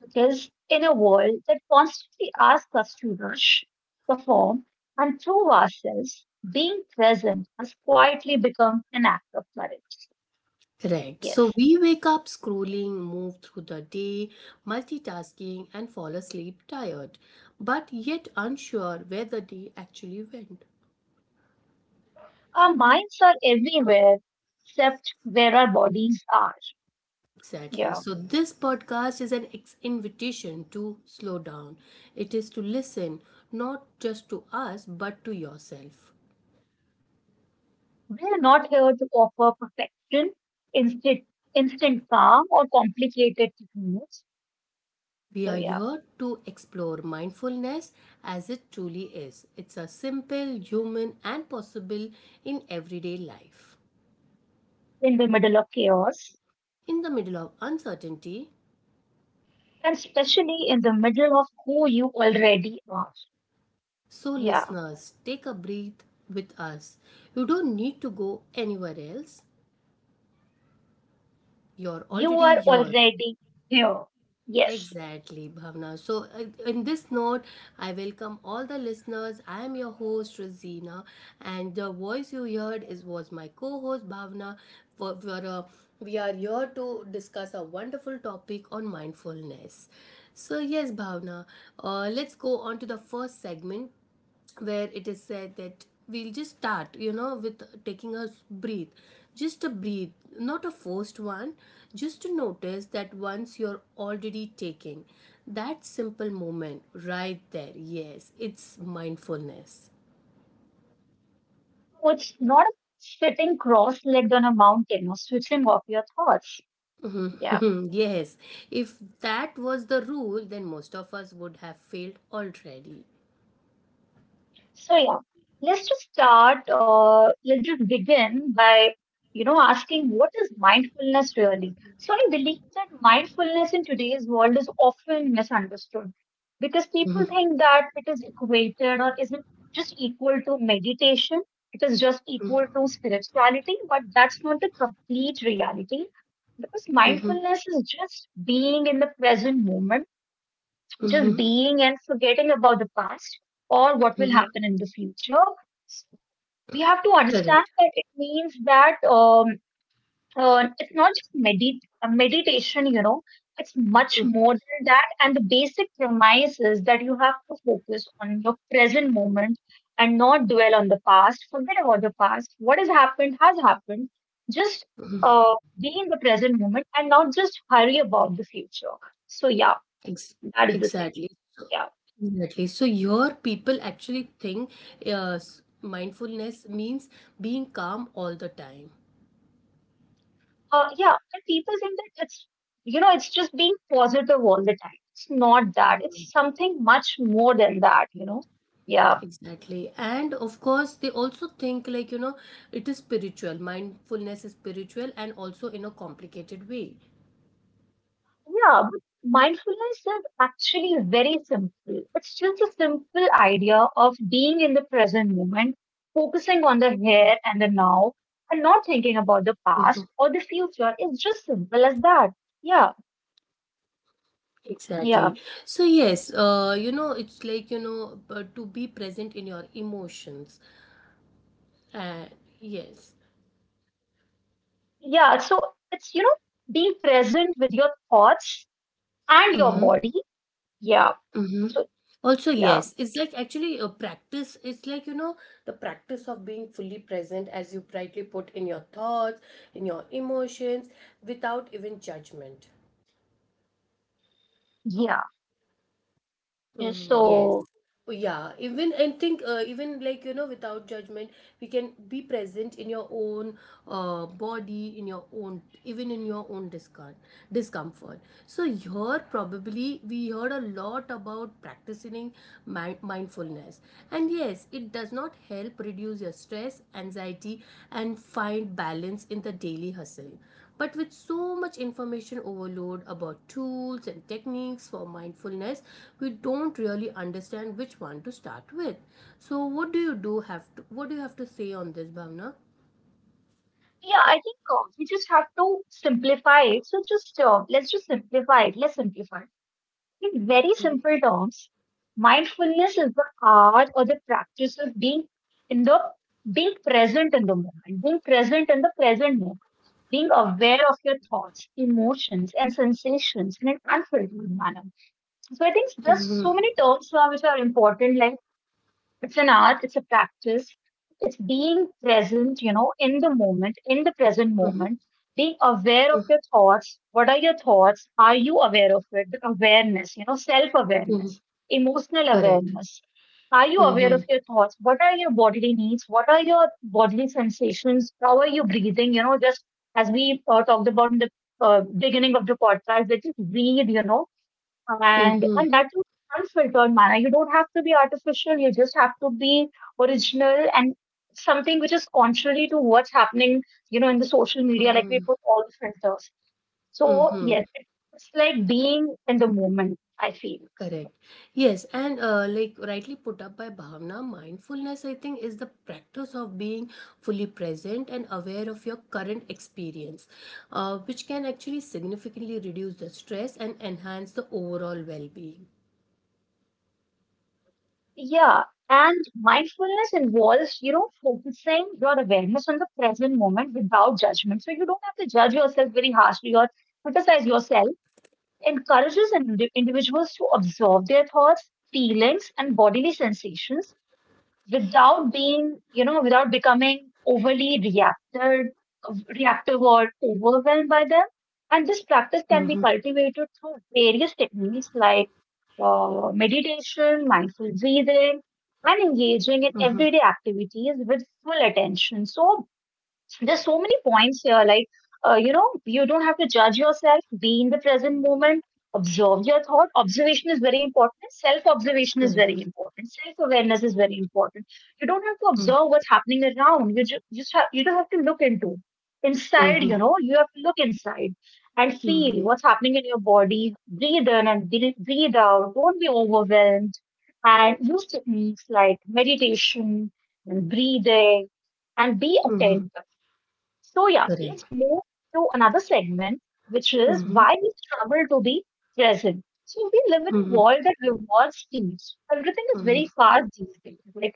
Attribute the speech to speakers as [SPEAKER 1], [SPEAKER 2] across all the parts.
[SPEAKER 1] Because in a world that constantly asks us to rush, perform, and prove ourselves, being present has quietly become an act of courage.
[SPEAKER 2] Correct. So
[SPEAKER 1] Yes.
[SPEAKER 2] we wake up scrolling, move through the day, multitasking, and fall asleep tired, but yet unsure where the day actually went.
[SPEAKER 1] Our minds are everywhere except where our bodies are.
[SPEAKER 2] Exactly.
[SPEAKER 1] Yeah.
[SPEAKER 2] So, this podcast is an invitation to slow down. It is to listen, not just to us, but to yourself.
[SPEAKER 1] We are not here to offer perfection, instant, instant calm, or complicated techniques.
[SPEAKER 2] We
[SPEAKER 1] So,
[SPEAKER 2] are
[SPEAKER 1] yeah,
[SPEAKER 2] here to explore mindfulness as it truly is. It's a simple, human, and possible in everyday life.
[SPEAKER 1] in the middle of chaos,
[SPEAKER 2] In the middle of uncertainty,
[SPEAKER 1] and especially in the middle of who you already are.
[SPEAKER 2] so
[SPEAKER 1] Yeah.
[SPEAKER 2] listeners, take a breath with us. You don't need to go anywhere else. You're
[SPEAKER 1] You
[SPEAKER 2] already
[SPEAKER 1] are
[SPEAKER 2] here.
[SPEAKER 1] already here. Yes.
[SPEAKER 2] Exactly, Bhavna. So, in this note, I welcome all the listeners. I am your host, Rosina, and the voice you heard is was my co-host, Bhavna. For we are here to discuss a wonderful topic on mindfulness. So, yes, Bhavna, let's go on to the first segment, where it is said that we'll just start with taking a breathe, just a breathe, not a forced one, just to notice that once you're already taking that simple moment, right there, yes, it's mindfulness.
[SPEAKER 1] So it's not sitting cross legged on a mountain or switching off your thoughts. Yeah.
[SPEAKER 2] Yes, if that was the rule, then most of us would have failed already.
[SPEAKER 1] So yeah, let's just start. Let's just begin by asking what is mindfulness really. So I believe that mindfulness in today's world is often misunderstood because people think that it is equated or isn't just equal to meditation. It is just equal to spirituality, but that's not the complete reality because
[SPEAKER 2] Mm-hmm.
[SPEAKER 1] mindfulness is just being in the present moment, just
[SPEAKER 2] Mm-hmm.
[SPEAKER 1] being and forgetting about the past or what will
[SPEAKER 2] Mm-hmm.
[SPEAKER 1] happen in the future. We have to understand
[SPEAKER 2] Correct.
[SPEAKER 1] that it means that it's not just meditation, you know, it's much more than that. And the basic premise is that you have to focus on your present moment and not dwell on the past. Forget about the past. What has happened has happened. Just
[SPEAKER 2] Mhm.
[SPEAKER 1] uh, be in the present moment and not just hurry about the future. So, yeah,
[SPEAKER 2] Ex-
[SPEAKER 1] that is the thing.
[SPEAKER 2] exactly. So,
[SPEAKER 1] Yeah.
[SPEAKER 2] exactly. So your people actually think mindfulness means being calm all the time.
[SPEAKER 1] Yeah, and people think that it's, you know, it's just being positive all the time. It's not that. It's something much more than that, you know. Yeah,
[SPEAKER 2] Exactly. And of course, they also think, like, it is spiritual. Mindfulness is spiritual and also in a complicated way.
[SPEAKER 1] yeah. But mindfulness is actually very simple. It's just a simple idea of being in the present moment, focusing on the here and the now, and not thinking about the
[SPEAKER 2] Mhm.
[SPEAKER 1] past or the future. It's just simple as that. Yeah,
[SPEAKER 2] Exactly.
[SPEAKER 1] yeah,
[SPEAKER 2] So yes, it's like, to be present in your emotions. Uh, yes.
[SPEAKER 1] yeah. So it's, you know, being present with your thoughts and your
[SPEAKER 2] Mm-hmm.
[SPEAKER 1] body. Yeah.
[SPEAKER 2] Mm-hmm.
[SPEAKER 1] So
[SPEAKER 2] Also,
[SPEAKER 1] yeah,
[SPEAKER 2] yes, it's like actually a practice. It's like, the practice of being fully present, as you brightly put, in your thoughts, in your emotions, without even judgment.
[SPEAKER 1] yeah. And
[SPEAKER 2] Mm, yes.
[SPEAKER 1] so
[SPEAKER 2] Oh, yeah, even I think, even like without judgment, we can be present in your own body, in your own, even in your own discard discomfort. So here probably we heard a lot about practicing mindfulness, and yes, it does not help reduce your stress, anxiety, and find balance in the daily hustle. But with so much information overload about tools and techniques for mindfulness, we don't really understand which one to start with. So what do you do have to what do you have to say on this, Bhavna?
[SPEAKER 1] yeah, I think we just have to simplify it. So just let's just simplify it. Let's simplify it. In very simple terms, mindfulness is the art or the practice of in the being present in the moment, being present in the present moment, being aware of your thoughts, emotions, and sensations in an unfiltered manner. So I think there's so
[SPEAKER 2] Mm-hmm.
[SPEAKER 1] many terms now which are important, like, it's an art, it's a practice, it's being present, you know, in the moment, in the present
[SPEAKER 2] Mm-hmm.
[SPEAKER 1] moment, being aware of your thoughts. What are your thoughts? Are you aware of it? The awareness, you know, self
[SPEAKER 2] Mm-hmm.
[SPEAKER 1] awareness, emotional
[SPEAKER 2] Correct.
[SPEAKER 1] awareness. Are you aware of
[SPEAKER 2] Mm-hmm.
[SPEAKER 1] your thoughts? What are your bodily needs? What are your bodily sensations? How are you breathing? You know, just as we talked about in the beginning of the podcast, that just breathe, you know, and
[SPEAKER 2] Mm-hmm.
[SPEAKER 1] and that's in unfiltered manner. You don't have to be artificial. You just have to be original and something which is contrary to what's happening, you know, in the social media. Like
[SPEAKER 2] Mm-hmm.
[SPEAKER 1] we put all the filters. So
[SPEAKER 2] Mm-hmm.
[SPEAKER 1] yes, it's like being in the moment. I feel,
[SPEAKER 2] Correct. Yes, and like rightly put up by Bhavna, mindfulness, I think, is the practice of being fully present and aware of your current experience, which can actually significantly reduce the stress and enhance the overall well being.
[SPEAKER 1] yeah. And mindfulness involves, you know, focusing your awareness on the present moment without judgment. So you don't have to judge yourself very harshly or criticize yourself, encourages individuals to absorb their thoughts, feelings, and bodily sensations without being, you know, without becoming reactive or overwhelmed by them. And this practice
[SPEAKER 2] Mm-hmm,
[SPEAKER 1] can be cultivated through various techniques like meditation, mindful breathing, and engaging in
[SPEAKER 2] mm-hmm,
[SPEAKER 1] everyday activities with full attention. So there's so many points here, like, you know, you don't have to judge yourself, be in the present moment, observe your thought. Observation is very important. Self observation is very
[SPEAKER 2] correct.
[SPEAKER 1] important. Self awareness is very important. You don't have to
[SPEAKER 2] Mm-hmm,
[SPEAKER 1] observe what's happening around. You just have, you don't have to look into inside, you know, you have to look inside and
[SPEAKER 2] mm-hmm,
[SPEAKER 1] feel what's happening in your body. Breathe in and breathe out. Don't be overwhelmed. And use techniques like meditation and breathing and be
[SPEAKER 2] mm-hmm,
[SPEAKER 1] attentive. So, yeah, let's
[SPEAKER 2] correct.
[SPEAKER 1] move to another segment, which is
[SPEAKER 2] Mm-hmm,
[SPEAKER 1] why we struggle to be present. So, we live in a
[SPEAKER 2] mm-hmm,
[SPEAKER 1] world that rewards speeds. Everything is very
[SPEAKER 2] mm-hmm.
[SPEAKER 1] fast these days. Like,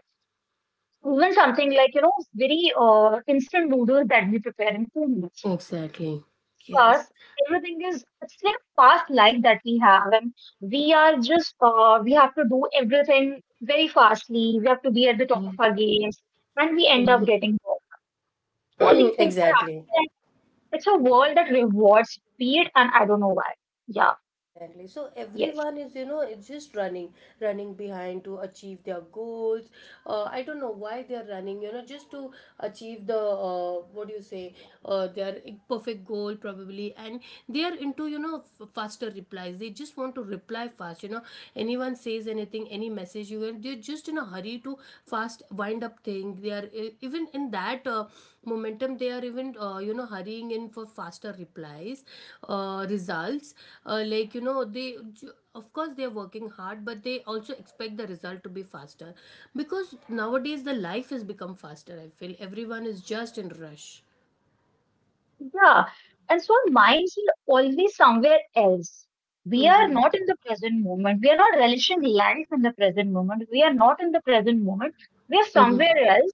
[SPEAKER 1] even something like, you know, very instant noodles that we prepare in 2 minutes.
[SPEAKER 2] Exactly. Yes.
[SPEAKER 1] Fast, everything is, it's like a fast life that we have. And we are just, we have to do everything very fastly. We have to be at the top of our games. And we end
[SPEAKER 2] Mm-hmm.
[SPEAKER 1] up getting bored. All these things are
[SPEAKER 2] Exactly.
[SPEAKER 1] happening. It's a world that rewards speed, and I don't know why. Yeah,
[SPEAKER 2] Exactly. So
[SPEAKER 1] yes,
[SPEAKER 2] everyone is, it's just running behind to achieve their goals. I don't know why they are running, just to achieve the what do you say, their perfect goal probably. And they are into, faster replies. They just want to reply fast. Anyone says anything, any message you get, they're just in a hurry to fast wind up thing. They are even in that momentum, they are even hurrying in for faster replies, results, like ju- of course they are working hard, but they also expect the result to be faster, because nowadays the life has become faster, I feel everyone is just in rush.
[SPEAKER 1] yeah. And so our minds are always somewhere else. We are
[SPEAKER 2] Mm-hmm.
[SPEAKER 1] not in the present moment. We are not relishing life in the present moment. We are not in the present moment. We are somewhere else.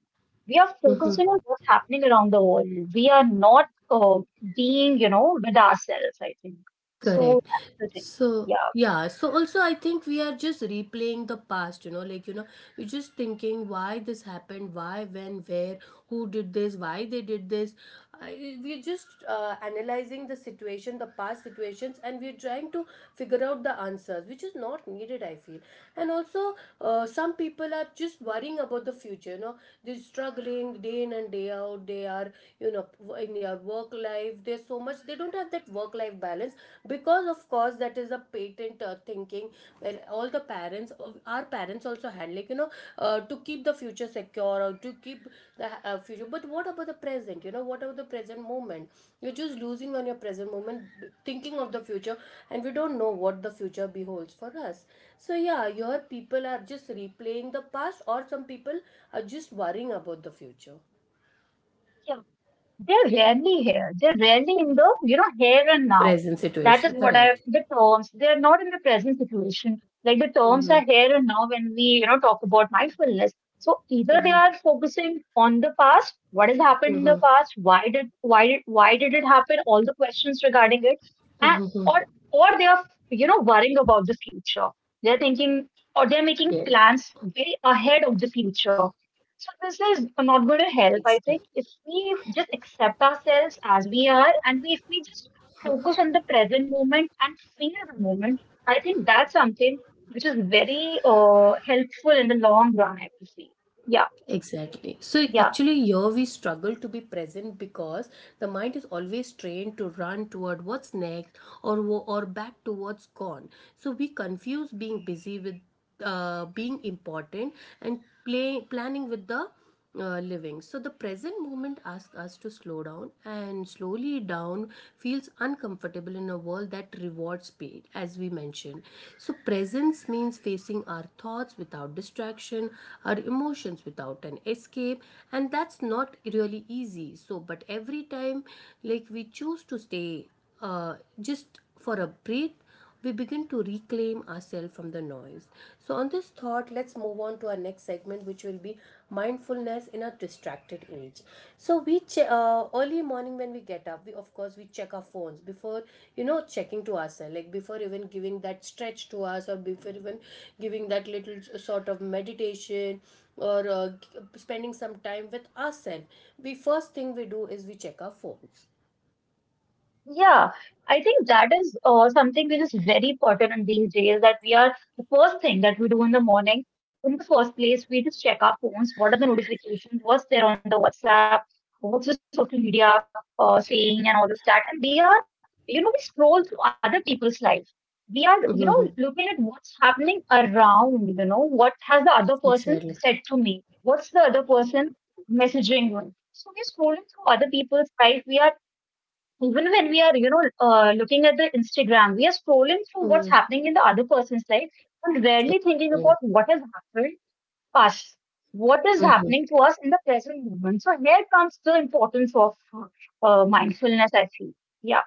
[SPEAKER 1] We are focusing on what's happening around the world. We are not being, you know, with ourselves, I think. So
[SPEAKER 2] Correct.
[SPEAKER 1] that's the thing.
[SPEAKER 2] So,
[SPEAKER 1] Yeah.
[SPEAKER 2] yeah. So, also, I think we are just replaying the past, like, we're just thinking why this happened, why, when, where, who did this, why they did this. We're just analyzing the situation, the past situations, and we're trying to figure out the answers, which is not needed, I feel. And also, some people are just worrying about the future, they're struggling day in and day out. They are, you know, in their work life, there's so much, they don't have that work life balance, because of course that is a patent thinking, where all the parents, our parents, also had, like, to keep the future secure, or to keep the future. But what about the present? What about the present moment? You're just losing on your present moment thinking of the future, and we don't know what the future beholds for us. So yeah, your people are just replaying the past, or some people are just worrying about the future,
[SPEAKER 1] Yeah. They're rarely here. They're rarely in the, you know, here and now.
[SPEAKER 2] present
[SPEAKER 1] That
[SPEAKER 2] situation.
[SPEAKER 1] is what I,
[SPEAKER 2] Correct.
[SPEAKER 1] the terms, they're not in the present situation. Like the terms are here and now when we, you know, talk about mindfulness. So either they
[SPEAKER 2] Mhm,
[SPEAKER 1] are focusing on the past, what has happened in the
[SPEAKER 2] mhm,
[SPEAKER 1] past, why did it happen, all the questions regarding it,
[SPEAKER 2] mhm,
[SPEAKER 1] and, or,
[SPEAKER 2] mhm.
[SPEAKER 1] or they are, you know, worrying about the future. They're thinking, or they're
[SPEAKER 2] Yeah,
[SPEAKER 1] making plans way ahead of the future. So this is not going to
[SPEAKER 2] exactly.
[SPEAKER 1] help, I think, if we just accept ourselves as we are and we, if we just focus on the present moment and feel the moment, I think that's something which is very helpful in the long run, I would. Yeah,
[SPEAKER 2] Exactly. So
[SPEAKER 1] yeah.
[SPEAKER 2] actually, here we struggle to be present because the mind is always trained to run toward what's next, or or back to what's gone. So we confuse being busy with being important, and planning with the living. So the present moment asks us to slow down, and slowly down feels uncomfortable in a world that rewards speed, as we mentioned. So presence means facing our thoughts without distraction, our emotions without an escape, and that's not really easy. So, but every time, like, we choose to stay just for a breath, we begin to reclaim ourselves from the noise. So, on this thought, let's move on to our next segment, which will be mindfulness in a distracted age. So, early morning when we get up, we of course we check our phones before checking to ourselves, like before even giving that stretch to us, or before even giving that little sort of meditation or spending some time with ourselves. We first thing we do is we check our phones.
[SPEAKER 1] Yeah, I think that is something which is very important these days that we are the first thing that we do in the morning. In the first place, we just check our phones. What are the notifications? What's there on the WhatsApp? What's the social media saying and all this that? And we are, you know, we scroll through other people's lives. We are, you know,
[SPEAKER 2] Mm-hmm.
[SPEAKER 1] looking at what's happening around, you know, what has the other person
[SPEAKER 2] Exactly.
[SPEAKER 1] said to me? What's the other person messaging me? So we're scrolling through other people's life. We are even when we are, you know, looking at the instagram, we are scrolling through what's happening in the other person's life, and rarely thinking
[SPEAKER 2] Mm-hmm.
[SPEAKER 1] about what has happened to us, what is happening to us in the present moment. So here comes the importance of mindfulness, I feel. Yeah,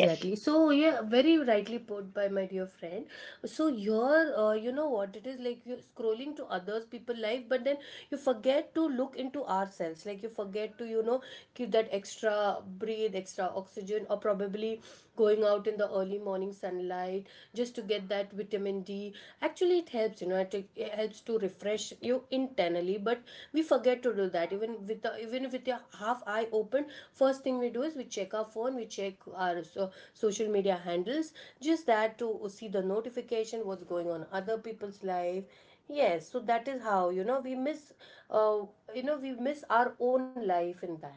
[SPEAKER 1] yes,
[SPEAKER 2] So yeah, very rightly put by my dear friend. So you know what it is, like, you're scrolling to others people life, but then you forget to look into ourselves. Like, you forget to give that extra breathe, extra oxygen, or probably going out in the early morning sunlight just to get that vitamin D. Actually, it helps. It helps to refresh you internally, but we forget to do that. Even with the, even with your half eye open, first thing we do is we check our phone, we check our social media handles, just that to see the notification what's going on other people's life. Yes, so that is how uh, we miss our own life in that.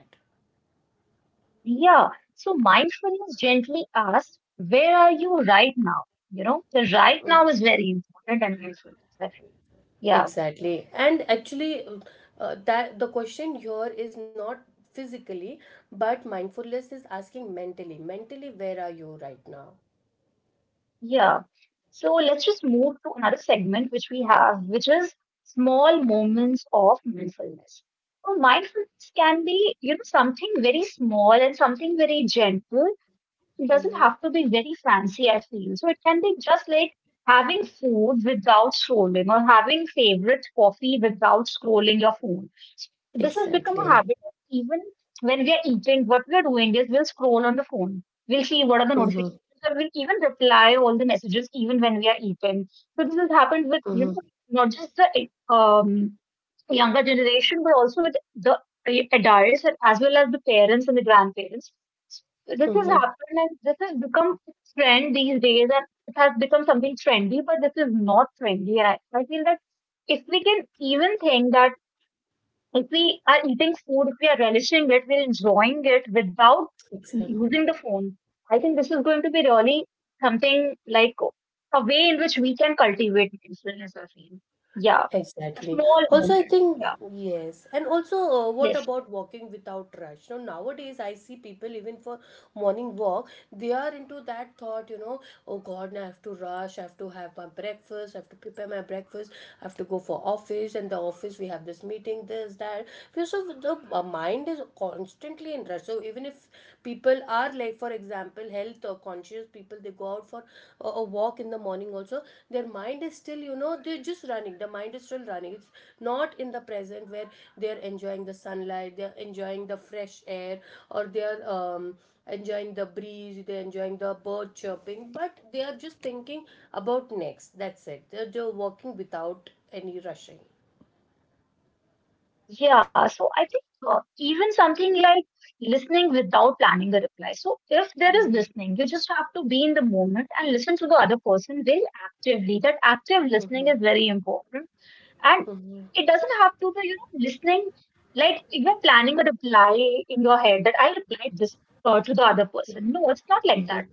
[SPEAKER 1] yeah. So mindfulness gently asks, where are you right now? You know, the right
[SPEAKER 2] Mm.
[SPEAKER 1] now is very important and mindfulness I feel. Yeah.
[SPEAKER 2] Exactly. And actually, that the question here is not physically, but mindfulness is asking mentally. Mentally, where are you right now?
[SPEAKER 1] Yeah. So let's just move to another segment which we have, which is small moments of mindfulness. So mindfulness can be, you know, something very small and something very gentle. It doesn't have
[SPEAKER 2] Mm-hmm.
[SPEAKER 1] to be very fancy, I feel. So it can be just like having food without scrolling or having favorite coffee without scrolling your phone. This has become a
[SPEAKER 2] Exactly.
[SPEAKER 1] habit. Even when we are eating, what we are doing is we'll scroll on the phone. We'll see what are the
[SPEAKER 2] Mm-hmm.
[SPEAKER 1] notifications, and we'll even reply all the messages even when we are eating. So this has happened with,
[SPEAKER 2] Mm-hmm.
[SPEAKER 1] you know, not just the younger generation, but also with the adults and as well as the parents and the grandparents. This has
[SPEAKER 2] Mm-hmm.
[SPEAKER 1] happened and this has become a trend these days, and it has become something trendy. But this is not trendy, and I feel that if we can even think that if we are eating food, if we are relishing it, we're enjoying it without
[SPEAKER 2] Exactly.
[SPEAKER 1] using the phone. I think this is going to be really something like a way in which we can cultivate mindfulness. I feel, yeah, a
[SPEAKER 2] Exactly.
[SPEAKER 1] small
[SPEAKER 2] Also, I
[SPEAKER 1] moment.
[SPEAKER 2] think,
[SPEAKER 1] Yeah,
[SPEAKER 2] yes. And also, what
[SPEAKER 1] yes,
[SPEAKER 2] about walking without rush? Now, nowadays, I see people, even for morning walk, they are into that thought, oh God, now I have to rush, I have to have my breakfast, I have to prepare my breakfast, I have to go for office, and the office, we have this meeting, this, that. So, the mind is constantly in rush. So, even if people are, like, for example, health or conscious people, they go out for a walk in the morning also, their mind is still, they're just running, the mind is still running. It's not in the present, where they're enjoying the sunlight, they're enjoying the fresh air, or they're enjoying the breeze, they're enjoying the bird chirping, but they are just thinking about next. That's it, they're just walking without any rushing.
[SPEAKER 1] yeah. So I think even something like listening without planning the reply. So if there is listening, you just have to be in the moment and listen to the other person very actively. That active listening is very important. And
[SPEAKER 2] Mhm.
[SPEAKER 1] it doesn't have to be, you know, listening. Like if you're planning a reply in your head that I'll reply this to the other person. No, it's not like that.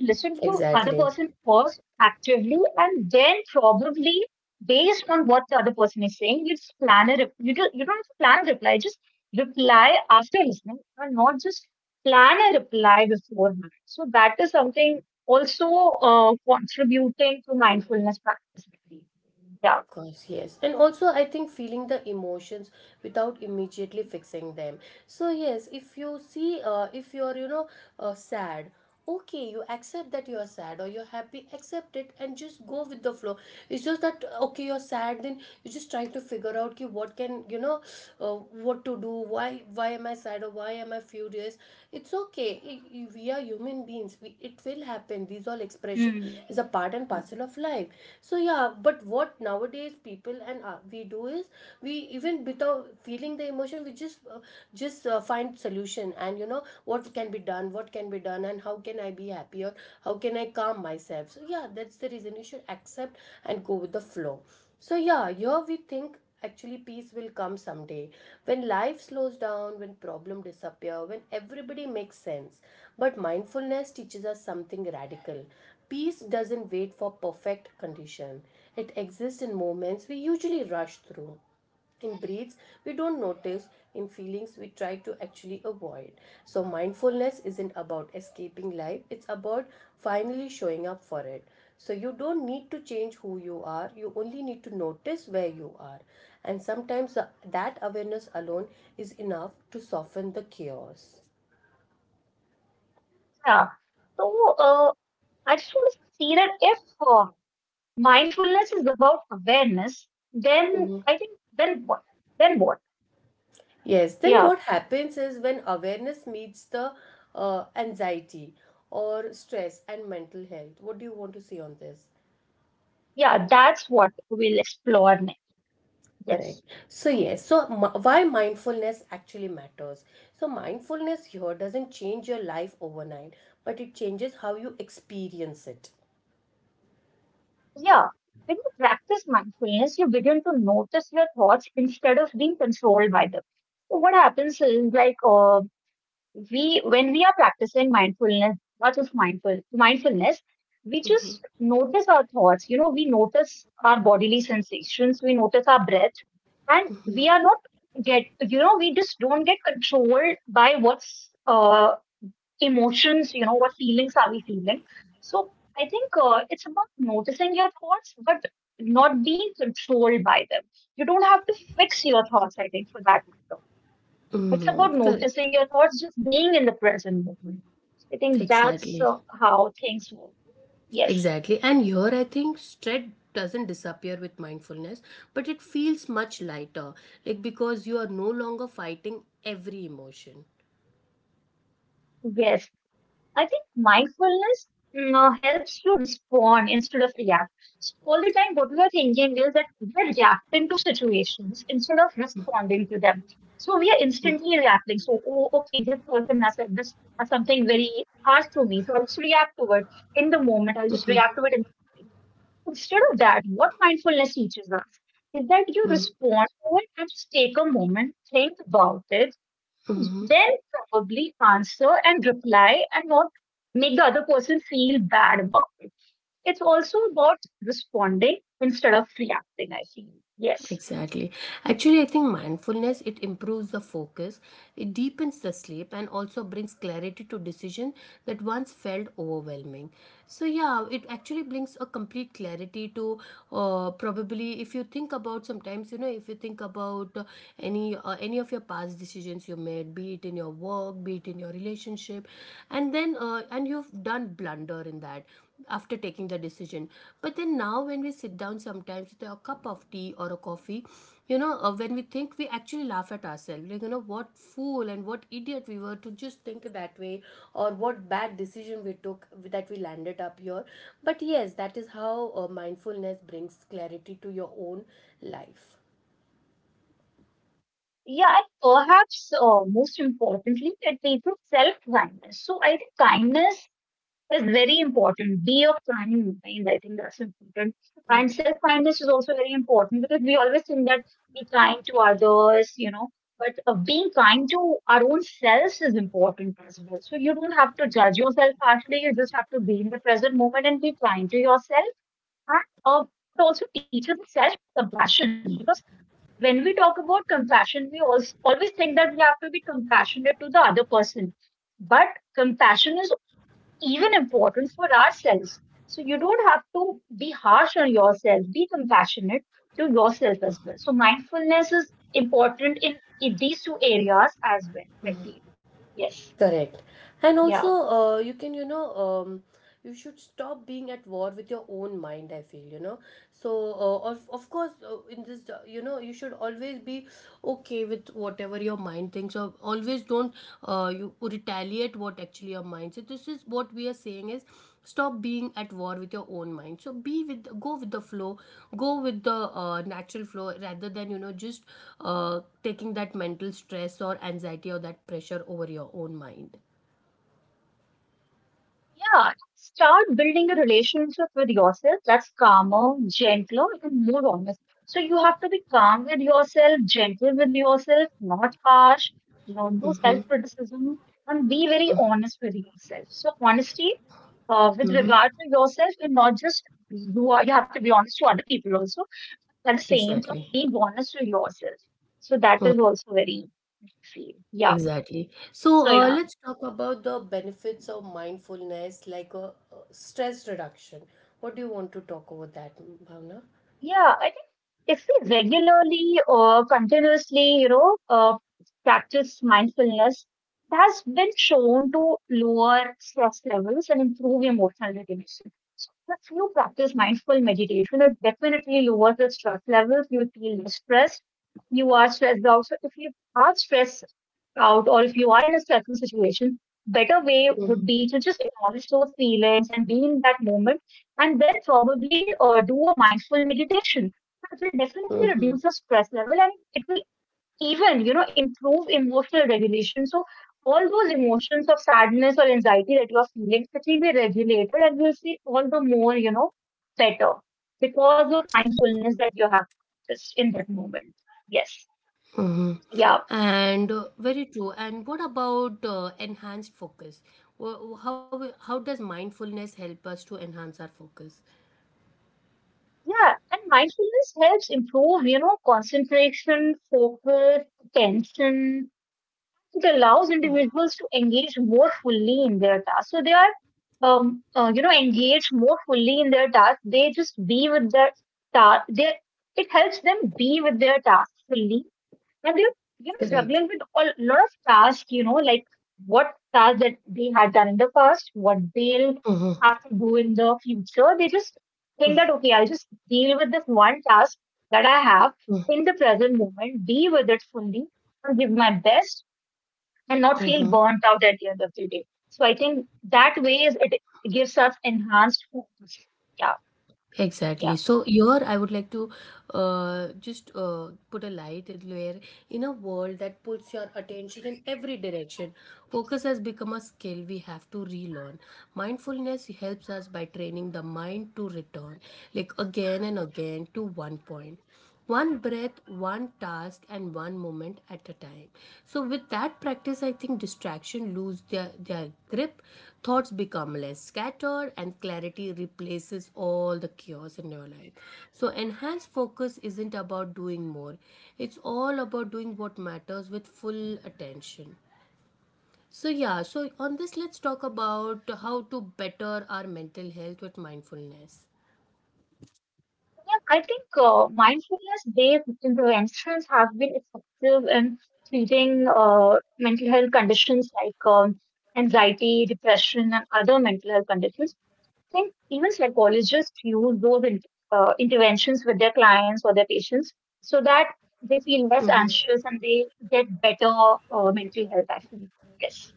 [SPEAKER 1] Listen to other
[SPEAKER 2] Exactly.
[SPEAKER 1] person first actively, and then probably based on what the other person is saying, you just plan a rep- you, do, you don't have to plan a reply. Just reply after listening, and not just plan a reply beforehand. So that is something also contributing to mindfulness practice. Yeah.
[SPEAKER 2] Of course, yes. And also, I think feeling the emotions without immediately fixing them. So, yes, if you're, sad, okay, you accept that you're sad, or you're happy, accept it and just go with the flow. It's just that, okay, you're sad, then you just try to figure out ki what can, uh, what to do, why am I sad, or why am I furious? It's okay. We are human beings. It will happen. These all expression
[SPEAKER 1] Mm,
[SPEAKER 2] is a part and parcel of life. So yeah, but what nowadays people and we do is, we even without feeling the emotion, we just find solution, and what can be done, what can be done, and how can I be happier? How can I calm myself? So yeah, that's the reason you should accept and go with the flow. So yeah, here we think actually peace will come someday, when life slows down, when problems disappear, when everybody makes sense. But mindfulness teaches us something radical. Peace doesn't wait for perfect condition. It exists in moments we usually rush through, in breeds we don't notice, in feelings we try to actually avoid. So mindfulness isn't about escaping life, it's about finally showing up for it. So you don't need to change who you are, you only need to notice where you are. And that awareness alone is enough to soften the chaos.
[SPEAKER 1] yeah. So uh, I just want to see that if uh, mindfulness is about awareness, then I think then what? Then what?
[SPEAKER 2] Yes, then
[SPEAKER 1] Yeah,
[SPEAKER 2] what happens is when awareness meets the anxiety or stress and mental health. What do you want to say on this?
[SPEAKER 1] yeah. That's what we'll explore next. Yes.
[SPEAKER 2] Correct. So, yes, so why mindfulness actually matters? So, mindfulness here doesn't change your life overnight, but it changes how you experience it.
[SPEAKER 1] Yeah. When you practice mindfulness, you begin to notice your thoughts instead of being controlled by them. So what happens is like we when we are practicing mindfulness, not just mindfulness, we just notice our thoughts, we notice our bodily sensations, we notice our breath, and we are not get, we just don't get controlled by what's emotions, what feelings are we feeling. So I think it's about noticing your thoughts but not being controlled by them. You don't have to fix your thoughts, I think, for that matter. It's
[SPEAKER 2] Mm,
[SPEAKER 1] about
[SPEAKER 2] correct.
[SPEAKER 1] noticing your thoughts, just being in the present moment. I think that's
[SPEAKER 2] Exactly.
[SPEAKER 1] how things work. Yes,
[SPEAKER 2] Exactly. And here I think stress doesn't disappear with mindfulness, but it feels much lighter. Like because you are no longer fighting every emotion.
[SPEAKER 1] yes. I think mindfulness helps you respond instead of react. So all the time, what we are thinking is that we are reacting to situations instead of responding to them. So we are instantly reacting. So, oh, okay, this person has said this, has something very harsh to me. So I'll just react to it in the moment. I'll just react to it. Instead of that, what mindfulness teaches us is that you respond to it and just take a moment, think about it,
[SPEAKER 2] Mm-hmm.
[SPEAKER 1] then probably answer and reply and not make the other person feel bad about it. It's also about responding instead of reacting, I feel. Yes.
[SPEAKER 2] Exactly. Actually, I think mindfulness it improves the focus, it deepens the sleep and also brings clarity to decision that once felt overwhelming. So yeah, it actually brings a complete clarity to, probably if you think about sometimes, you know, if you think about any of your past decisions you made, be it in your work, be it in your relationship, and you've done blunder in that after taking the decision. But then now when we sit down sometimes with a cup of tea or a coffee, you know, when we think we actually laugh at ourselves, like you know what fool and what idiot we were to just think that way, or what bad decision we took that we landed up here. But yes, that is how mindfulness brings clarity to your own life.
[SPEAKER 1] Yeah, and perhaps most importantly, it leads to self kindness. So I think kindness is very important. Be of planning mind. I think that's important. And self kindness is also very important because we always think that be kind to others, you know, but being kind to our own selves is important as well. So you don't have to judge yourself harshly. You just have to be in the present moment and be kind to yourself. And uh, it also teaches self compassion because when we talk about compassion, we also always think that we have to be compassionate to the other person. But compassion is even important for ourselves. So you don't have to be harsh on yourself, be compassionate to yourself as well. So mindfulness is important in these two areas as well, I feel. Yes.
[SPEAKER 2] Correct. And also,
[SPEAKER 1] Yeah.
[SPEAKER 2] you can, you know, um, you should stop being at war with your own mind, I feel, you know. So, of course, in this, you know, you should always be okay with whatever your mind thinks, or always don't, you retaliate what actually your mind. So this is what we are saying is stop being at war with your own mind. So be with, go with the flow, go with the natural flow, rather than, you know, just taking that mental stress or anxiety or that pressure over your own mind.
[SPEAKER 1] Yeah, start building a relationship with yourself that's calmer, gentler, and more honest. So you have to be calm with yourself, gentle with yourself, not harsh, not do self criticism, and be very honest with yourself. So honesty with
[SPEAKER 2] Mm-hmm.
[SPEAKER 1] regard to yourself, and not just you are. You have to be honest to other people also. At the same time,
[SPEAKER 2] Exactly.
[SPEAKER 1] being honest to yourself. So
[SPEAKER 2] Mm.
[SPEAKER 1] that is also very key. Yeah.
[SPEAKER 2] Exactly. So
[SPEAKER 1] So yeah.
[SPEAKER 2] let's talk about the benefits of mindfulness, like a stress reduction. What do you want to talk about that, Bhavna?
[SPEAKER 1] Yeah, I think if we regularly or continuously, you know, practice mindfulness, it has been shown to lower stress levels and improve emotional regulation. So if you practice mindful meditation, it definitely lowers the stress levels. You feel less stressed. You are stressed out. So if you are stressed out or if you are in a stressful situation, better way would be to just acknowledge those feelings and be in that moment and then probably do a mindful meditation. It will definitely
[SPEAKER 2] Mm-hmm.
[SPEAKER 1] reduce the stress level and it will even, you know, improve emotional regulation. So all those emotions of sadness or anxiety that you are feeling, it will be regulated and you'll see all the more, you know, better because of mindfulness that you have just in that moment. Yes.
[SPEAKER 2] Mm-hmm.
[SPEAKER 1] Yeah.
[SPEAKER 2] And very true. And what about enhanced focus? How does mindfulness help us to enhance our focus?
[SPEAKER 1] Yeah, and mindfulness helps improve, you know, concentration, focus, attention. It allows individuals to engage more fully in their task. So they are, you know, engaged more fully in their task. They just be with their task. They it helps them be with their task fully and they're, you know,
[SPEAKER 2] Correct.
[SPEAKER 1] juggling with a lot of tasks, you know, like what tasks that they had done in the past, what they'll
[SPEAKER 2] Mm-hmm.
[SPEAKER 1] have to do in the future. They just think that, okay, I'll just deal with this one task that I have
[SPEAKER 2] Mm-hmm.
[SPEAKER 1] in the present moment, be with it fully, and give my best and not feel
[SPEAKER 2] Mm-hmm.
[SPEAKER 1] burnt out at the end of the day. So I think that way is it gives us enhanced focus. Yeah, yeah.
[SPEAKER 2] Exactly. So here I would like to, just put a light where, in a world that pulls your attention in every direction, focus has become a skill we have to relearn. Mindfulness helps us by training the mind to return, like again and again, to one point. One breath, one task, and one moment at a time. So with that practice, I think distraction lose their grip, thoughts become less scattered, and clarity replaces all the chaos in your life. So enhanced focus isn't about doing more, it's all about doing what matters with full attention. So yeah, so on this let's talk about how to better our mental health with mindfulness.
[SPEAKER 1] So yeah, I think mindfulness based interventions have been effective treating mental health conditions like anxiety, depression, and other mental health conditions. I think even psychologists use those in, interventions with their clients or their patients so that they feel less anxious and they get better mental health, actually. Yes.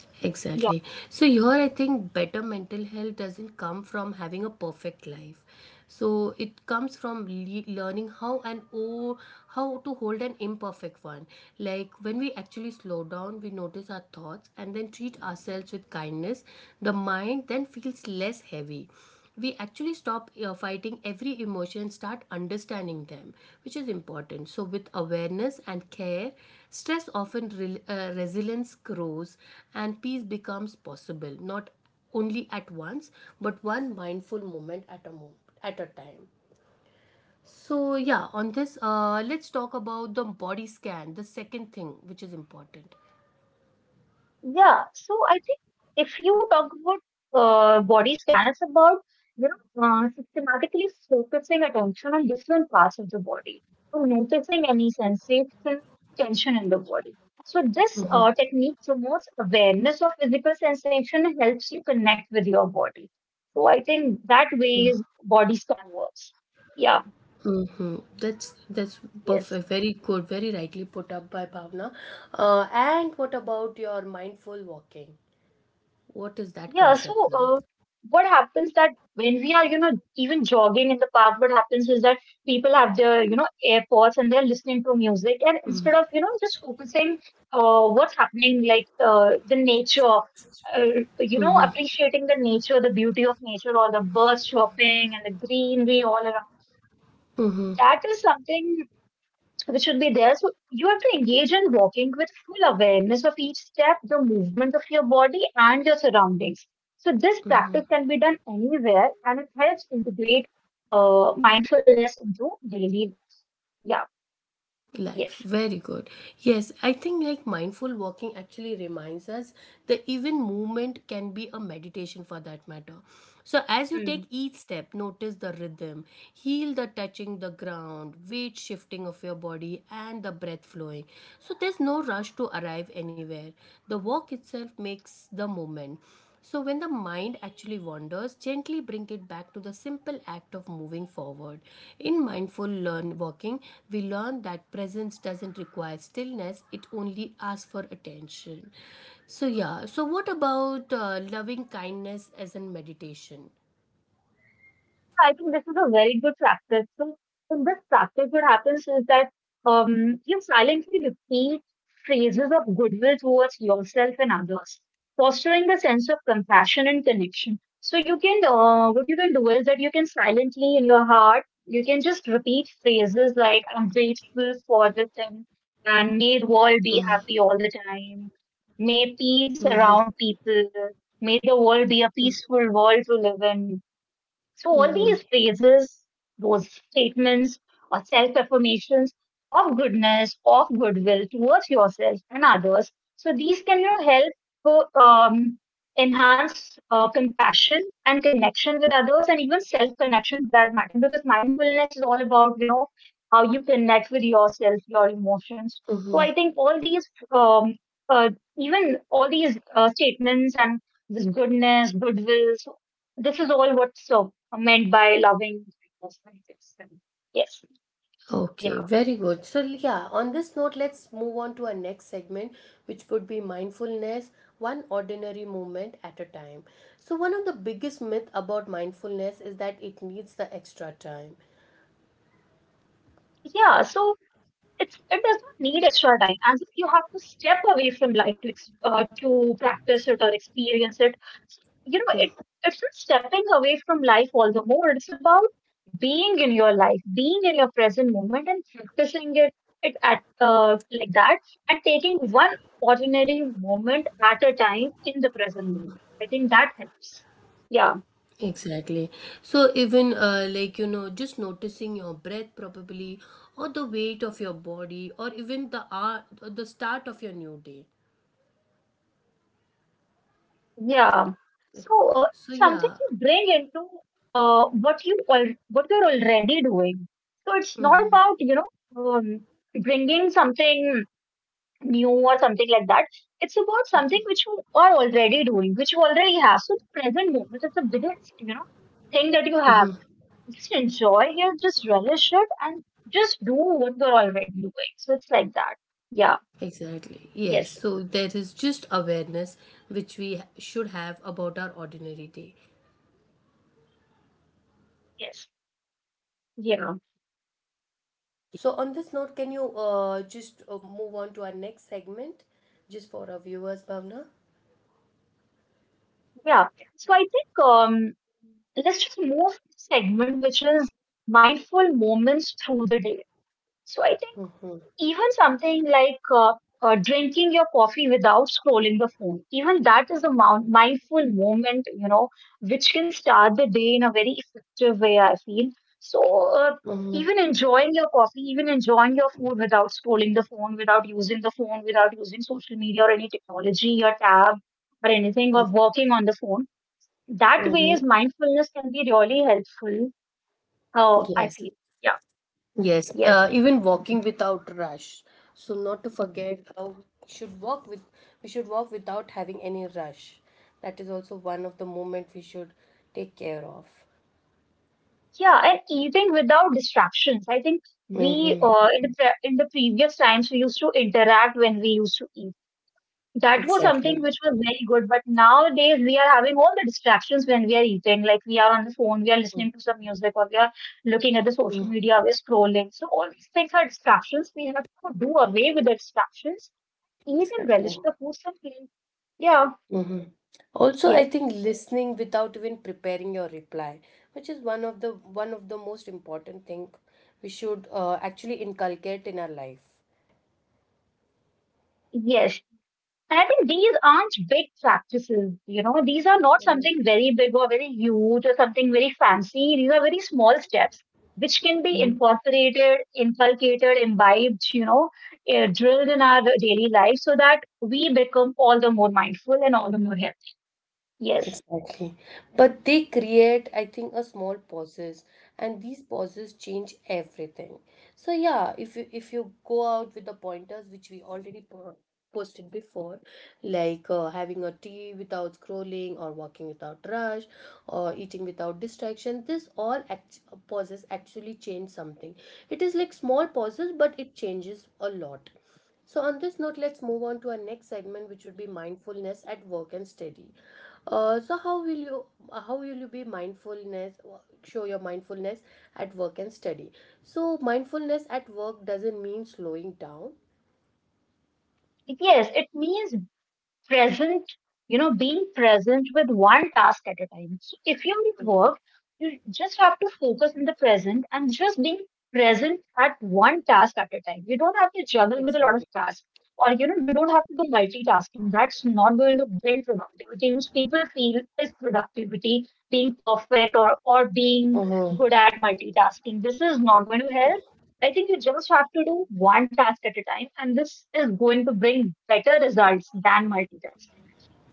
[SPEAKER 2] Exactly. So here I think better mental health doesn't come from having a perfect life. So it comes from learning how and how to hold an imperfect one. Like when we actually slow down, we notice our thoughts and then treat ourselves with kindness, the mind then feels less heavy. We actually stop fighting every emotion and start understanding them, which is important. So with awareness and care, stress often resilience grows, and peace becomes possible, not only at once, but one mindful moment at a time So yeah, on this, let's talk about the body scan, the second thing which is important.
[SPEAKER 1] Yeah, so I think if you talk about body scan, it's about you know systematically focusing attention on different parts of the body, so noticing any sensation, tension in the body. So this technique promotes awareness of physical sensation and helps you connect with your body. So I think that way is body scan works. Yeah,
[SPEAKER 2] Mm-hmm. That's
[SPEAKER 1] yes.
[SPEAKER 2] perfect. Very good. Very rightly put up by Bhavna. And what about your mindful walking? What is that
[SPEAKER 1] Yeah, so
[SPEAKER 2] concept now?
[SPEAKER 1] what happens that when we are, you know, even jogging in the park, what happens is that people have their, you know, AirPods and they're listening to music, and instead of, you know, just focusing what's happening, like the nature, uh, you know, appreciating the nature, the beauty of nature, or the birds chirping and the greenery all around.
[SPEAKER 2] Mm-hmm.
[SPEAKER 1] That is something which should be there. So you have to engage in walking with full awareness of each step, the movement of your body, and your surroundings. So this practice can be done anywhere, and it helps integrate mindfulness into daily. Yeah.
[SPEAKER 2] Life,
[SPEAKER 1] Yes.
[SPEAKER 2] very good. Yes, I think like mindful walking actually reminds us that even movement can be a meditation, for that matter. So as you take each step, notice the rhythm, heal the touching the ground, weight shifting of your body, and the breath flowing. So there's no rush to arrive anywhere. The walk itself makes the moment. So, when the mind actually wanders, gently bring it back to the simple act of moving forward. In mindful learn walking, we learn that presence doesn't require stillness, it only asks for attention. So, yeah, so what about loving kindness as in meditation?
[SPEAKER 1] Yeah, I think this is a very good practice. So, in this practice, what happens is that you silently repeat phrases of goodwill towards yourself and others, fostering a sense of compassion and connection. So, you can, what you can do is that you can silently in your heart, you can just repeat phrases like, I'm grateful for this thing, and may the world be happy all the time, may peace
[SPEAKER 2] Mm-hmm.
[SPEAKER 1] surround people, may the world be a peaceful world to live in, so all
[SPEAKER 2] Mm-hmm.
[SPEAKER 1] these phrases, those statements or self-affirmations of goodness, of goodwill towards yourself and others. So these can, you know, help enhance compassion and connection with others and even self-connection for that matter because mindfulness is all about, you know, how you connect with yourself, your emotions. So
[SPEAKER 2] Mm-hmm.
[SPEAKER 1] I think all these uh, even all these statements and this goodness, goodwill, so this is all what's meant by loving. Yes,
[SPEAKER 2] Okay,
[SPEAKER 1] yeah,
[SPEAKER 2] very good. So, yeah, on this note, let's move on to our next segment, which would be mindfulness, one ordinary moment at a time. So, one of the biggest myths about mindfulness is that it needs the extra time.
[SPEAKER 1] yeah. So it's it does not need extra time and if you have to step away from life to to practice it or experience it. So, you know it it's not stepping away from life, all the more it's about being in your life, being in your present moment and practicing it, it at like that, and taking one ordinary moment at a time in the present moment. I think that helps. Yeah.
[SPEAKER 2] Exactly. So, even like you know, just noticing your breath probably, or the weight of your body, or even the hour, the start of your new day.
[SPEAKER 1] Yeah. So
[SPEAKER 2] So,
[SPEAKER 1] something
[SPEAKER 2] yeah.
[SPEAKER 1] you bring into what you're already doing. So it's not about you know um, bringing something new or something like that. It's about something which you are already doing, which you already have. So the present moment is the biggest, you know, thing that you have. Just enjoy it, just relish it, and just do what you're already doing. So it's like that. Yeah.
[SPEAKER 2] Exactly. Yes.
[SPEAKER 1] Yes.
[SPEAKER 2] So there is just awareness which should have about our ordinary day.
[SPEAKER 1] Yes. Yeah.
[SPEAKER 2] So on this note, can you, just move on to our next segment, just for our viewers, Bhavna?
[SPEAKER 1] Yeah. So I think let's just move to the segment which is mindful moments through the day. So I think even something like drinking your coffee without scrolling the phone, even that is a mindful moment, you know, which can start the day in a very effective way, I feel. So uh,
[SPEAKER 2] Mm-hmm.
[SPEAKER 1] even enjoying your coffee, even enjoying your food without scrolling the phone, without using the phone, without using social media or any technology or tab or anything or working on the phone, that
[SPEAKER 2] Mm-hmm.
[SPEAKER 1] ways mindfulness can be really helpful, I
[SPEAKER 2] Yes.
[SPEAKER 1] feel. Yeah.
[SPEAKER 2] Yes.
[SPEAKER 1] Yes.
[SPEAKER 2] Even walking without rush. So not to forget how should walk with, we should walk without having any rush. That is also one of the moment we should take care of.
[SPEAKER 1] Yeah, and eating without distractions, I think we
[SPEAKER 2] Mm-hmm.
[SPEAKER 1] the in the previous times we used to interact when we used to eat. That was something
[SPEAKER 2] Exactly.
[SPEAKER 1] which was very good, but nowadays we are having all the distractions when we are eating, like we are on the phone, we are listening to some music, or we are looking at the social
[SPEAKER 2] Mm.
[SPEAKER 1] media, we're scrolling. So all these things are distractions. We have to do away with the distractions, eat and
[SPEAKER 2] Exactly.
[SPEAKER 1] relish the food simply. Yeah.
[SPEAKER 2] Mhm. Also,
[SPEAKER 1] Yes.
[SPEAKER 2] I think listening without even preparing your reply, which is one of the most important thing we should actually inculcate in our life.
[SPEAKER 1] Yes, and I think these aren't big practices, you know, these are not something very big or very huge or something very fancy. These are very small steps which can be
[SPEAKER 2] Mhm.
[SPEAKER 1] incorporated, inculcated, imbibed, you know, eh, drilled in our daily life so that we become all the more mindful and all the more healthy. Yes.
[SPEAKER 2] Exactly. But they create, I think, a small pauses, and these pauses change everything. So yeah, if you go out with the pointers, which we already posted before, like having a tea without scrolling, or walking without rush, or eating without distraction, this pauses actually change something. It is like small pauses, but it changes a lot. So, on this note, let's move on to our next segment, which would be mindfulness at work and study. So, how will you, how will you be mindfulness, show your mindfulness at work and study? So, mindfulness at work doesn't mean slowing down.
[SPEAKER 1] Yes, it means present, you know, being present with one task at a time. So if you're at
[SPEAKER 2] Mhm.
[SPEAKER 1] work, you just have to focus in the present and just being present at one task at a time. You don't have to juggle with a lot of
[SPEAKER 2] Exactly.
[SPEAKER 1] tasks. Or you know, you don't have to do multitasking. That's not going to bring productivity, which people feel is productivity, being perfect or
[SPEAKER 2] Uh
[SPEAKER 1] being
[SPEAKER 2] huh.
[SPEAKER 1] good at multitasking. This is not going to help. I think you just have to do one task at a time, and this is going to bring better results than multitasking.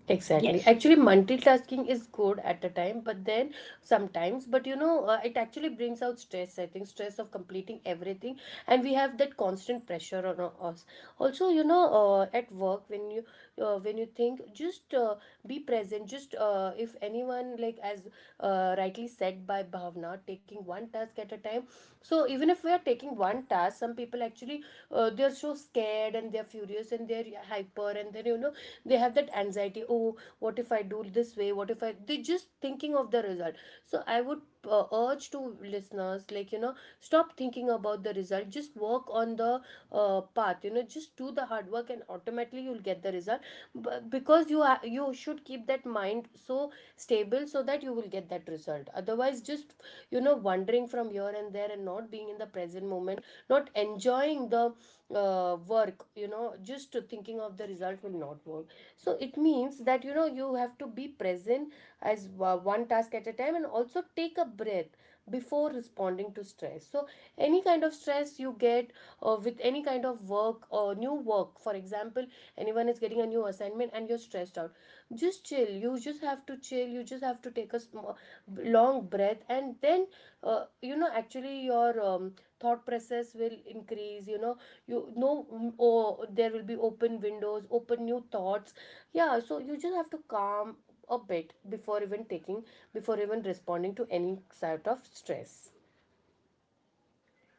[SPEAKER 2] Exactly.
[SPEAKER 1] Yes.
[SPEAKER 2] Actually, multitasking is good at a time, but then sometimes, but you know, it actually brings out stress, I think, stress of completing everything. And we have that constant pressure on us. Also, you know, at work, when you think, just be present. Just if anyone, like as rightly said by Bhavna, taking one task at a time. So even if we are taking one task, some people actually, they're so scared and they're furious and they're hyper, and then you know they have that anxiety, oh what if I do this way, what if I, they just thinking of the result. So I would urge to listeners, like you know, stop thinking about the result, just work on the path, you know, just do the hard work and automatically you'll get the result. But because you are, you should keep that mind so stable so that you will get that result. Otherwise just, you know, wandering from here and there and not being in the present moment, not enjoying the work, you know, just thinking of the result will not work. So it means that, you know, you have to be present as one task at a time, and also take a breath before responding to stress. So any kind of stress you get with any kind of work or new work, for example, anyone is getting a new assignment and you're stressed out, just chill, you just have to chill, you just have to take a long breath, and then you know, actually your thought process will increase, you know, you know, oh, there will be open windows, open new thoughts. Yeah, so you just have to calm a bit before even taking, before even responding to any sort of stress.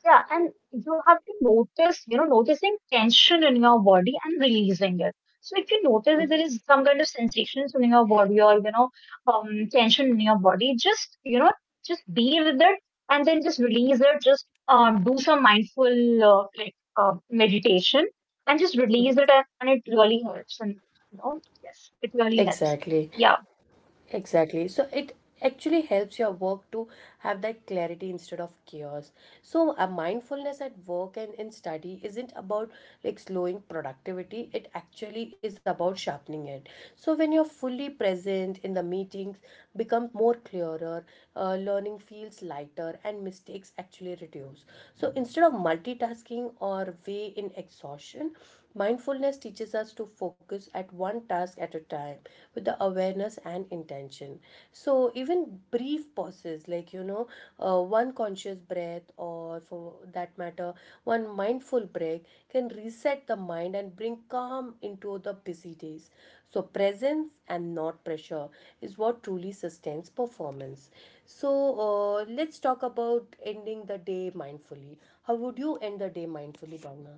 [SPEAKER 1] Yeah, and you have to notice, you know, noticing tension in your body and releasing it. So if you notice that there
[SPEAKER 2] Mm.
[SPEAKER 1] is some kind of sensations in your body or, you know, tension in your body, just, you know, just be with it and then just release it. Just do some mindful like meditation and just release it and it really helps. And, you know, yes, it really helps.
[SPEAKER 2] Exactly.
[SPEAKER 1] Yeah.
[SPEAKER 2] Exactly. So it actually helps your work to have that clarity instead of chaos. So a mindfulness at work and in study isn't about like slowing productivity. It actually is about sharpening it. So when you're fully present in the meetings, become more clearer, learning feels lighter and mistakes actually reduce. So instead of multitasking or way in exhaustion, mindfulness teaches us to focus at one task at a time with the awareness and intention. So, even brief pauses, like you know, one conscious breath, or for that matter, one mindful break, can reset the mind and bring calm into the busy days. So, presence and not pressure is what truly sustains performance. So, let's talk about ending the day mindfully. How would you end the day mindfully, Bhavna?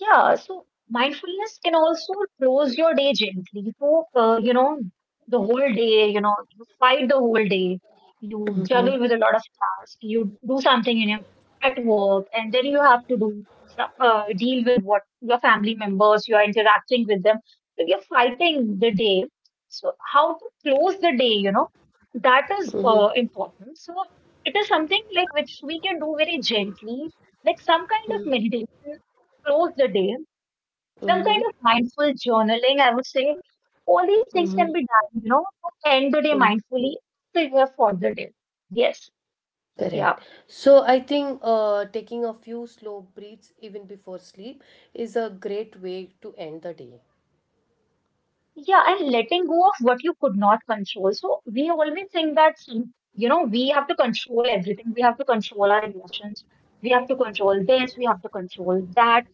[SPEAKER 1] Yeah, so mindfulness can also close your day gently. So, you know, the whole day, you know, you fight the whole day, you juggle with a lot of tasks, you do something in your, at work, and then you have to do deal with what your family members you are interacting with them. So you're fighting the day. So how to close the day, you know, that is
[SPEAKER 2] Mm-hmm.
[SPEAKER 1] important. So it is something like which we can do very gently, like some kind of meditation, close the day, some kind
[SPEAKER 2] Mm-hmm.
[SPEAKER 1] of mindful journaling, I would say all these things can
[SPEAKER 2] Mm-hmm.
[SPEAKER 1] be done, you know, to end the day
[SPEAKER 2] Mm.
[SPEAKER 1] mindfully, prepare for the day. Yes. Yeah.
[SPEAKER 2] Correct. So I think taking a few slow breaths even before sleep is a great way to end the day.
[SPEAKER 1] Yeah, and letting go of what you could not control. So we always think that, you know, we have to control everything. We have to control our emotions. We have to control this. We have to control that.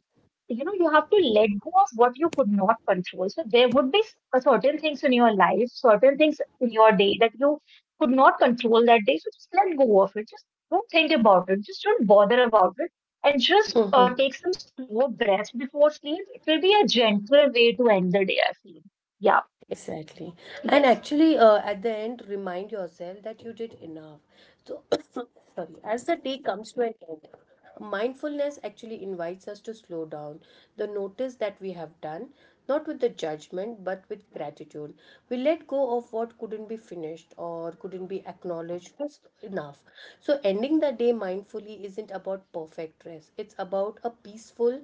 [SPEAKER 1] You know, you have to let go of what you could not control. So there would be certain things in your life, certain things in your day that you could not control that day. So just let go of it. Just don't think about it. Just don't bother about it and just take some slow breaths before sleep. It will be a gentle way to end the day, I feel. Yeah.
[SPEAKER 2] Exactly. And
[SPEAKER 1] Yes.
[SPEAKER 2] actually, at the end, remind yourself that you did enough. So, sorry, as the day comes to an end, mindfulness actually invites us to slow down, the notice that we have done, not with the judgment, but with gratitude. We let go of what couldn't be finished or couldn't be acknowledged just enough. So, ending the day mindfully isn't about perfect rest, it's about a peaceful,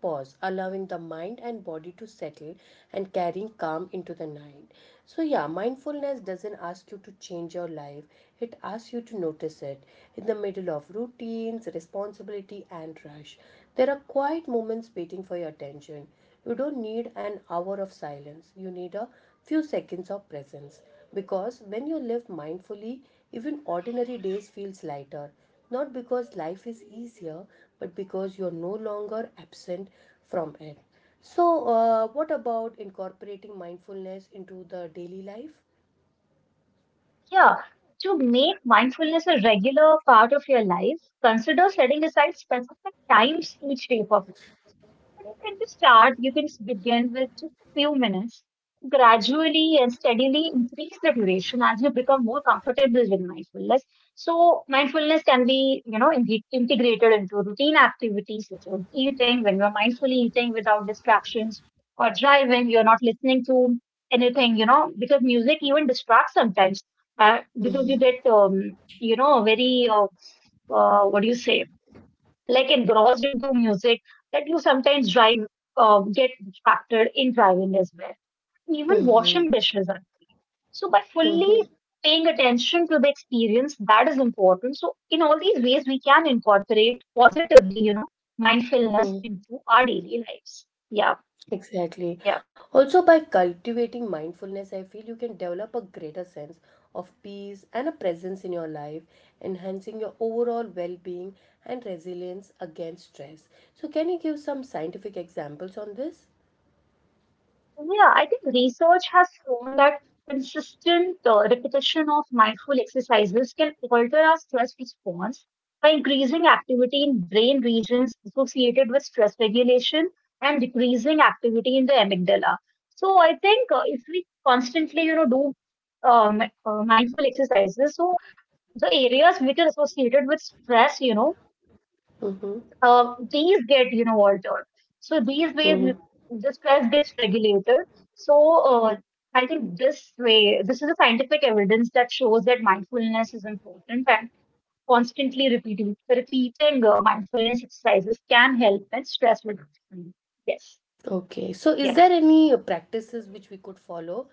[SPEAKER 2] pause, allowing the mind and body to settle and carrying calm into the night. So, yeah, mindfulness doesn't ask you to change your life, it asks you to notice it. In the middle of routines, responsibility, and rush, there are quiet moments waiting for your attention. You don't need an hour of silence, you need a few seconds of presence. Because when you live mindfully, even ordinary days feels lighter, not because life is easier, but because you're no longer absent from it. So, what about incorporating mindfulness into the daily life?
[SPEAKER 1] Yeah, to make mindfulness a regular part of your life, consider setting aside specific times each day for. You can just start, you can begin with just a few minutes, gradually and steadily increase the duration as you become more comfortable with mindfulness. So, mindfulness can be, you know, integrated into routine activities such as eating, when you're mindfully eating without distractions, or driving, you're not listening to anything, you know, because music even distracts sometimes, because you get, you know, very, what do you say? Like engrossed into music that you sometimes drive, get distracted in driving as well. Even washing dishes are key. So by fully
[SPEAKER 2] Mm-hmm.
[SPEAKER 1] paying attention to the experience, that is important. So in all these ways we can incorporate positively, you know, mindfulness into our daily lives. Yeah.
[SPEAKER 2] Exactly.
[SPEAKER 1] Yeah.
[SPEAKER 2] Also, by cultivating mindfulness, I feel you can develop a greater sense of peace and a presence in your life, enhancing your overall well being and resilience against stress. So, can you give some scientific examples on this?
[SPEAKER 1] Yeah, I think research has shown that consistent repetition of mindful exercises can alter our stress response by increasing activity in brain regions associated with stress regulation and decreasing activity in the amygdala. So I think if we constantly, you know, do mindful exercises, so the areas which are associated with stress, you know, these get you know altered. So these ways the stress gets regulated. So uh, I think this way, this is a scientific evidence that shows that mindfulness is important and constantly repeating mindfulness exercises can help in stress reduction. Yes.
[SPEAKER 2] Okay. So is
[SPEAKER 1] Yes.
[SPEAKER 2] there any practices which we could follow?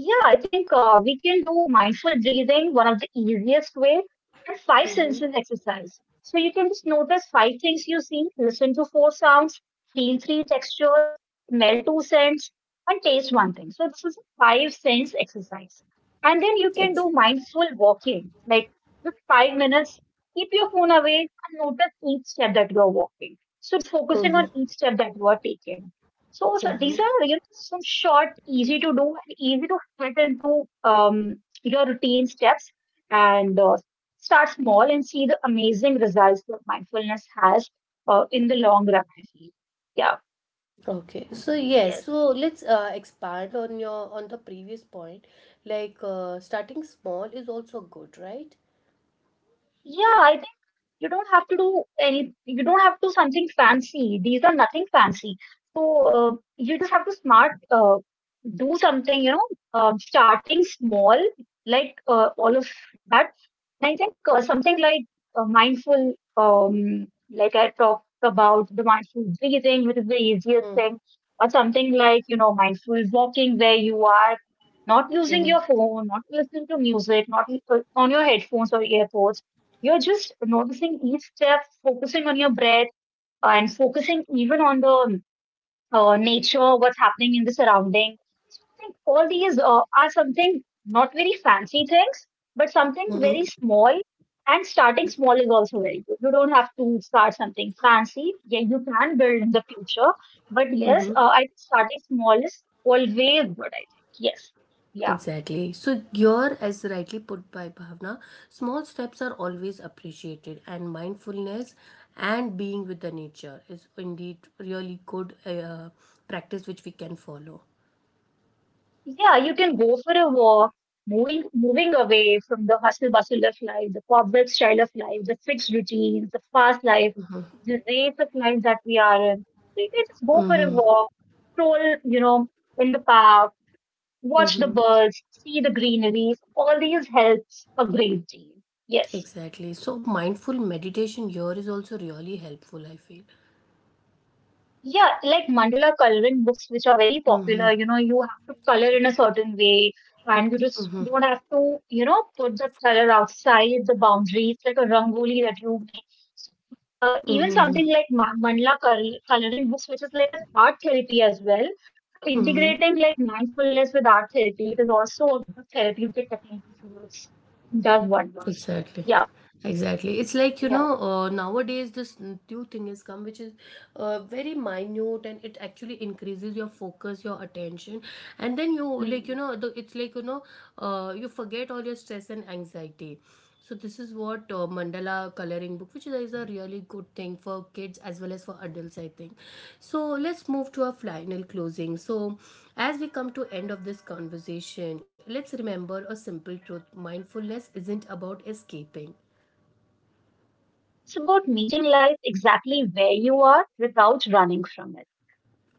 [SPEAKER 1] Yeah, I think we can do mindful breathing, one of the easiest way, and five
[SPEAKER 2] Hmm.
[SPEAKER 1] senses exercise. So you can just notice five things you see, listen to four sounds, feel three textures, smell two scents, and taste one thing. So this is a five sense exercise. And then you can
[SPEAKER 2] Ex-.
[SPEAKER 1] do mindful walking, like just 5 minutes, keep your phone away and notice each step that you're walking. So it's focusing on
[SPEAKER 2] Hmm.
[SPEAKER 1] each step that you are taking. So these are you know, some short, easy to do, and easy to fit into your routine steps and start small and see the amazing results that mindfulness has in the long run, I feel. Yeah,
[SPEAKER 2] Okay. So yes,
[SPEAKER 1] yes.
[SPEAKER 2] so let's expand on your on the previous point. Like starting small is also good, right?
[SPEAKER 1] Yeah, I think you don't have to do any, you don't have to do something fancy. These are nothing fancy. So you just have to smart, do something, you know, starting small, like all of that. And I think something like mindful, like I talked about the mindful breathing, which is the easiest
[SPEAKER 2] Mm-hmm.
[SPEAKER 1] thing, or something like, you know, mindful walking where you are not using your phone, not listening to music, not on your headphones or earphones. You're just noticing each step, focusing on your breath, and focusing even on the nature, what's happening in the surrounding. Think all these are something not very fancy things, but something very
[SPEAKER 2] Mm-hmm.
[SPEAKER 1] small. And starting small is also very good. You don't have to start something fancy. Yeah, you can build in the future. But yes,
[SPEAKER 2] Hmm.
[SPEAKER 1] I think starting small is always good, I think. Yes. Yeah.
[SPEAKER 2] Exactly. So here, as rightly put by Bhavna, small steps are always appreciated, and mindfulness and being with the nature is indeed really good practice which we can follow.
[SPEAKER 1] Yeah, you can go for a walk, moving away from the hustle bustle of life, the corporate style of life, the fixed routines, the fast life, the race of life that we are in. So you can just go for a walk, stroll, you know, in the park, watch the birds, see the greenery. All these helps a great deal. Yes.
[SPEAKER 2] Exactly. So mindful meditation here is also really helpful, I feel.
[SPEAKER 1] Yeah, like mandala coloring books, which are very
[SPEAKER 2] Mm-hmm.
[SPEAKER 1] popular. You know, you have to color in a certain way, and you just don't have to, you know, put the color outside the boundaries, like a rangoli that you make. So, even
[SPEAKER 2] Mm-hmm.
[SPEAKER 1] something like mandala coloring books, which is like an art therapy as well. So,
[SPEAKER 2] Mm-hmm.
[SPEAKER 1] integrating like mindfulness with art therapy, it is also a good therapeutic technique which works, does wonders.
[SPEAKER 2] Exactly.
[SPEAKER 1] Yeah,
[SPEAKER 2] Exactly. It's like, you know,
[SPEAKER 1] yeah.
[SPEAKER 2] nowadays this new thing has come, which is very minute and it actually increases your focus, your attention. And then you, like, you
[SPEAKER 1] Mm.
[SPEAKER 2] know, the, it's like, you forget all your stress and anxiety. So this is what mandala coloring book, which is a really good thing for kids as well as for adults, I think. So let's move to our final closing. So as we come to end of this conversation, let's remember a simple truth: mindfulness isn't about escaping.
[SPEAKER 1] It's about meeting life exactly where you are without running from it.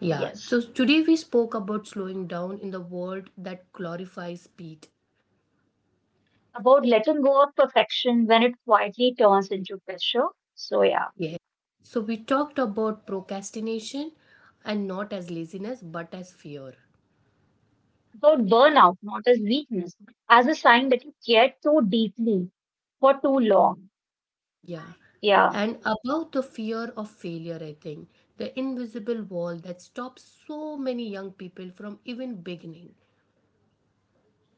[SPEAKER 2] Yeah.
[SPEAKER 1] Yes.
[SPEAKER 2] So today we spoke about slowing down in the world that glorifies speed.
[SPEAKER 1] About letting go of perfection when it quietly turns into pressure. So, yeah.
[SPEAKER 2] Yeah. So we talked about procrastination, and not as laziness but as fear.
[SPEAKER 1] About burnout, not as weakness, but as a sign that you cared too deeply for too long.
[SPEAKER 2] Yeah.
[SPEAKER 1] Yeah.
[SPEAKER 2] And about the fear of failure, I think the invisible wall that stops so many young people from even beginning.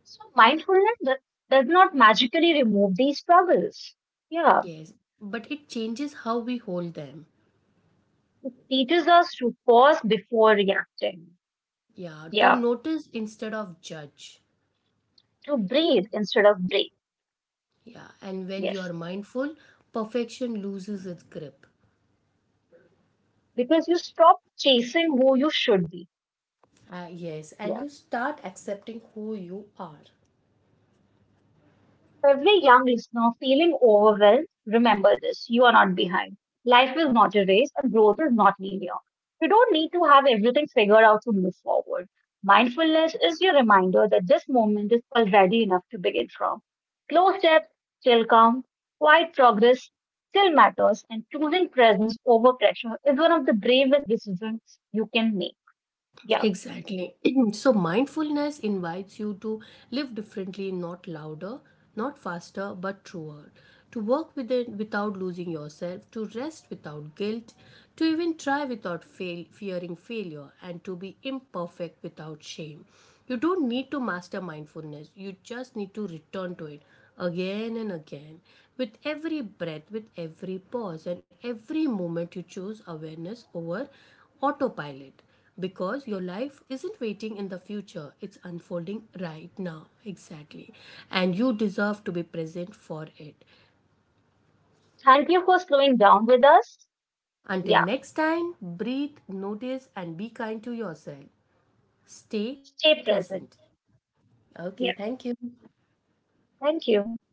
[SPEAKER 1] So, does not magically remove these struggles. Yeah.
[SPEAKER 2] Yes, but it changes how we hold them.
[SPEAKER 1] It teaches us to pause before reacting.
[SPEAKER 2] Yeah, to
[SPEAKER 1] Yeah.
[SPEAKER 2] notice instead of judge.
[SPEAKER 1] To breathe instead of break.
[SPEAKER 2] Yeah, and when you are
[SPEAKER 1] Yes.
[SPEAKER 2] mindful, perfection loses its grip.
[SPEAKER 1] Because you stop chasing who you should be.
[SPEAKER 2] Yes, and you
[SPEAKER 1] Yeah.
[SPEAKER 2] start accepting who you are.
[SPEAKER 1] Every young listener feeling overwhelmed, remember this, you are not behind. Life is not a race and growth is not linear. You don't need to have everything figured out to move forward. Mindfulness is your reminder that this moment is already enough to begin from. Slow steps still count, quiet progress still matters, and choosing presence over pressure is one of the bravest decisions you can make. Yeah.
[SPEAKER 2] Exactly. So, mindfulness invites you to live differently, not louder, not faster, but truer. To work with it without losing yourself, to rest without guilt, to even try without fail, fearing failure, and to be imperfect without shame. You don't need to master mindfulness, you just need to return to it again and again. With every breath, with every pause, and every moment, you choose awareness over autopilot, because your life isn't waiting in the future, it's unfolding right now. Exactly. And you deserve to be present for it.
[SPEAKER 1] Thank you for slowing down with us.
[SPEAKER 2] Until
[SPEAKER 1] Yeah.
[SPEAKER 2] next time, breathe, notice, and be kind to yourself. Stay
[SPEAKER 1] Stay
[SPEAKER 2] present.
[SPEAKER 1] present.
[SPEAKER 2] Okay, thank
[SPEAKER 1] Yeah.
[SPEAKER 2] you.
[SPEAKER 1] Thank you.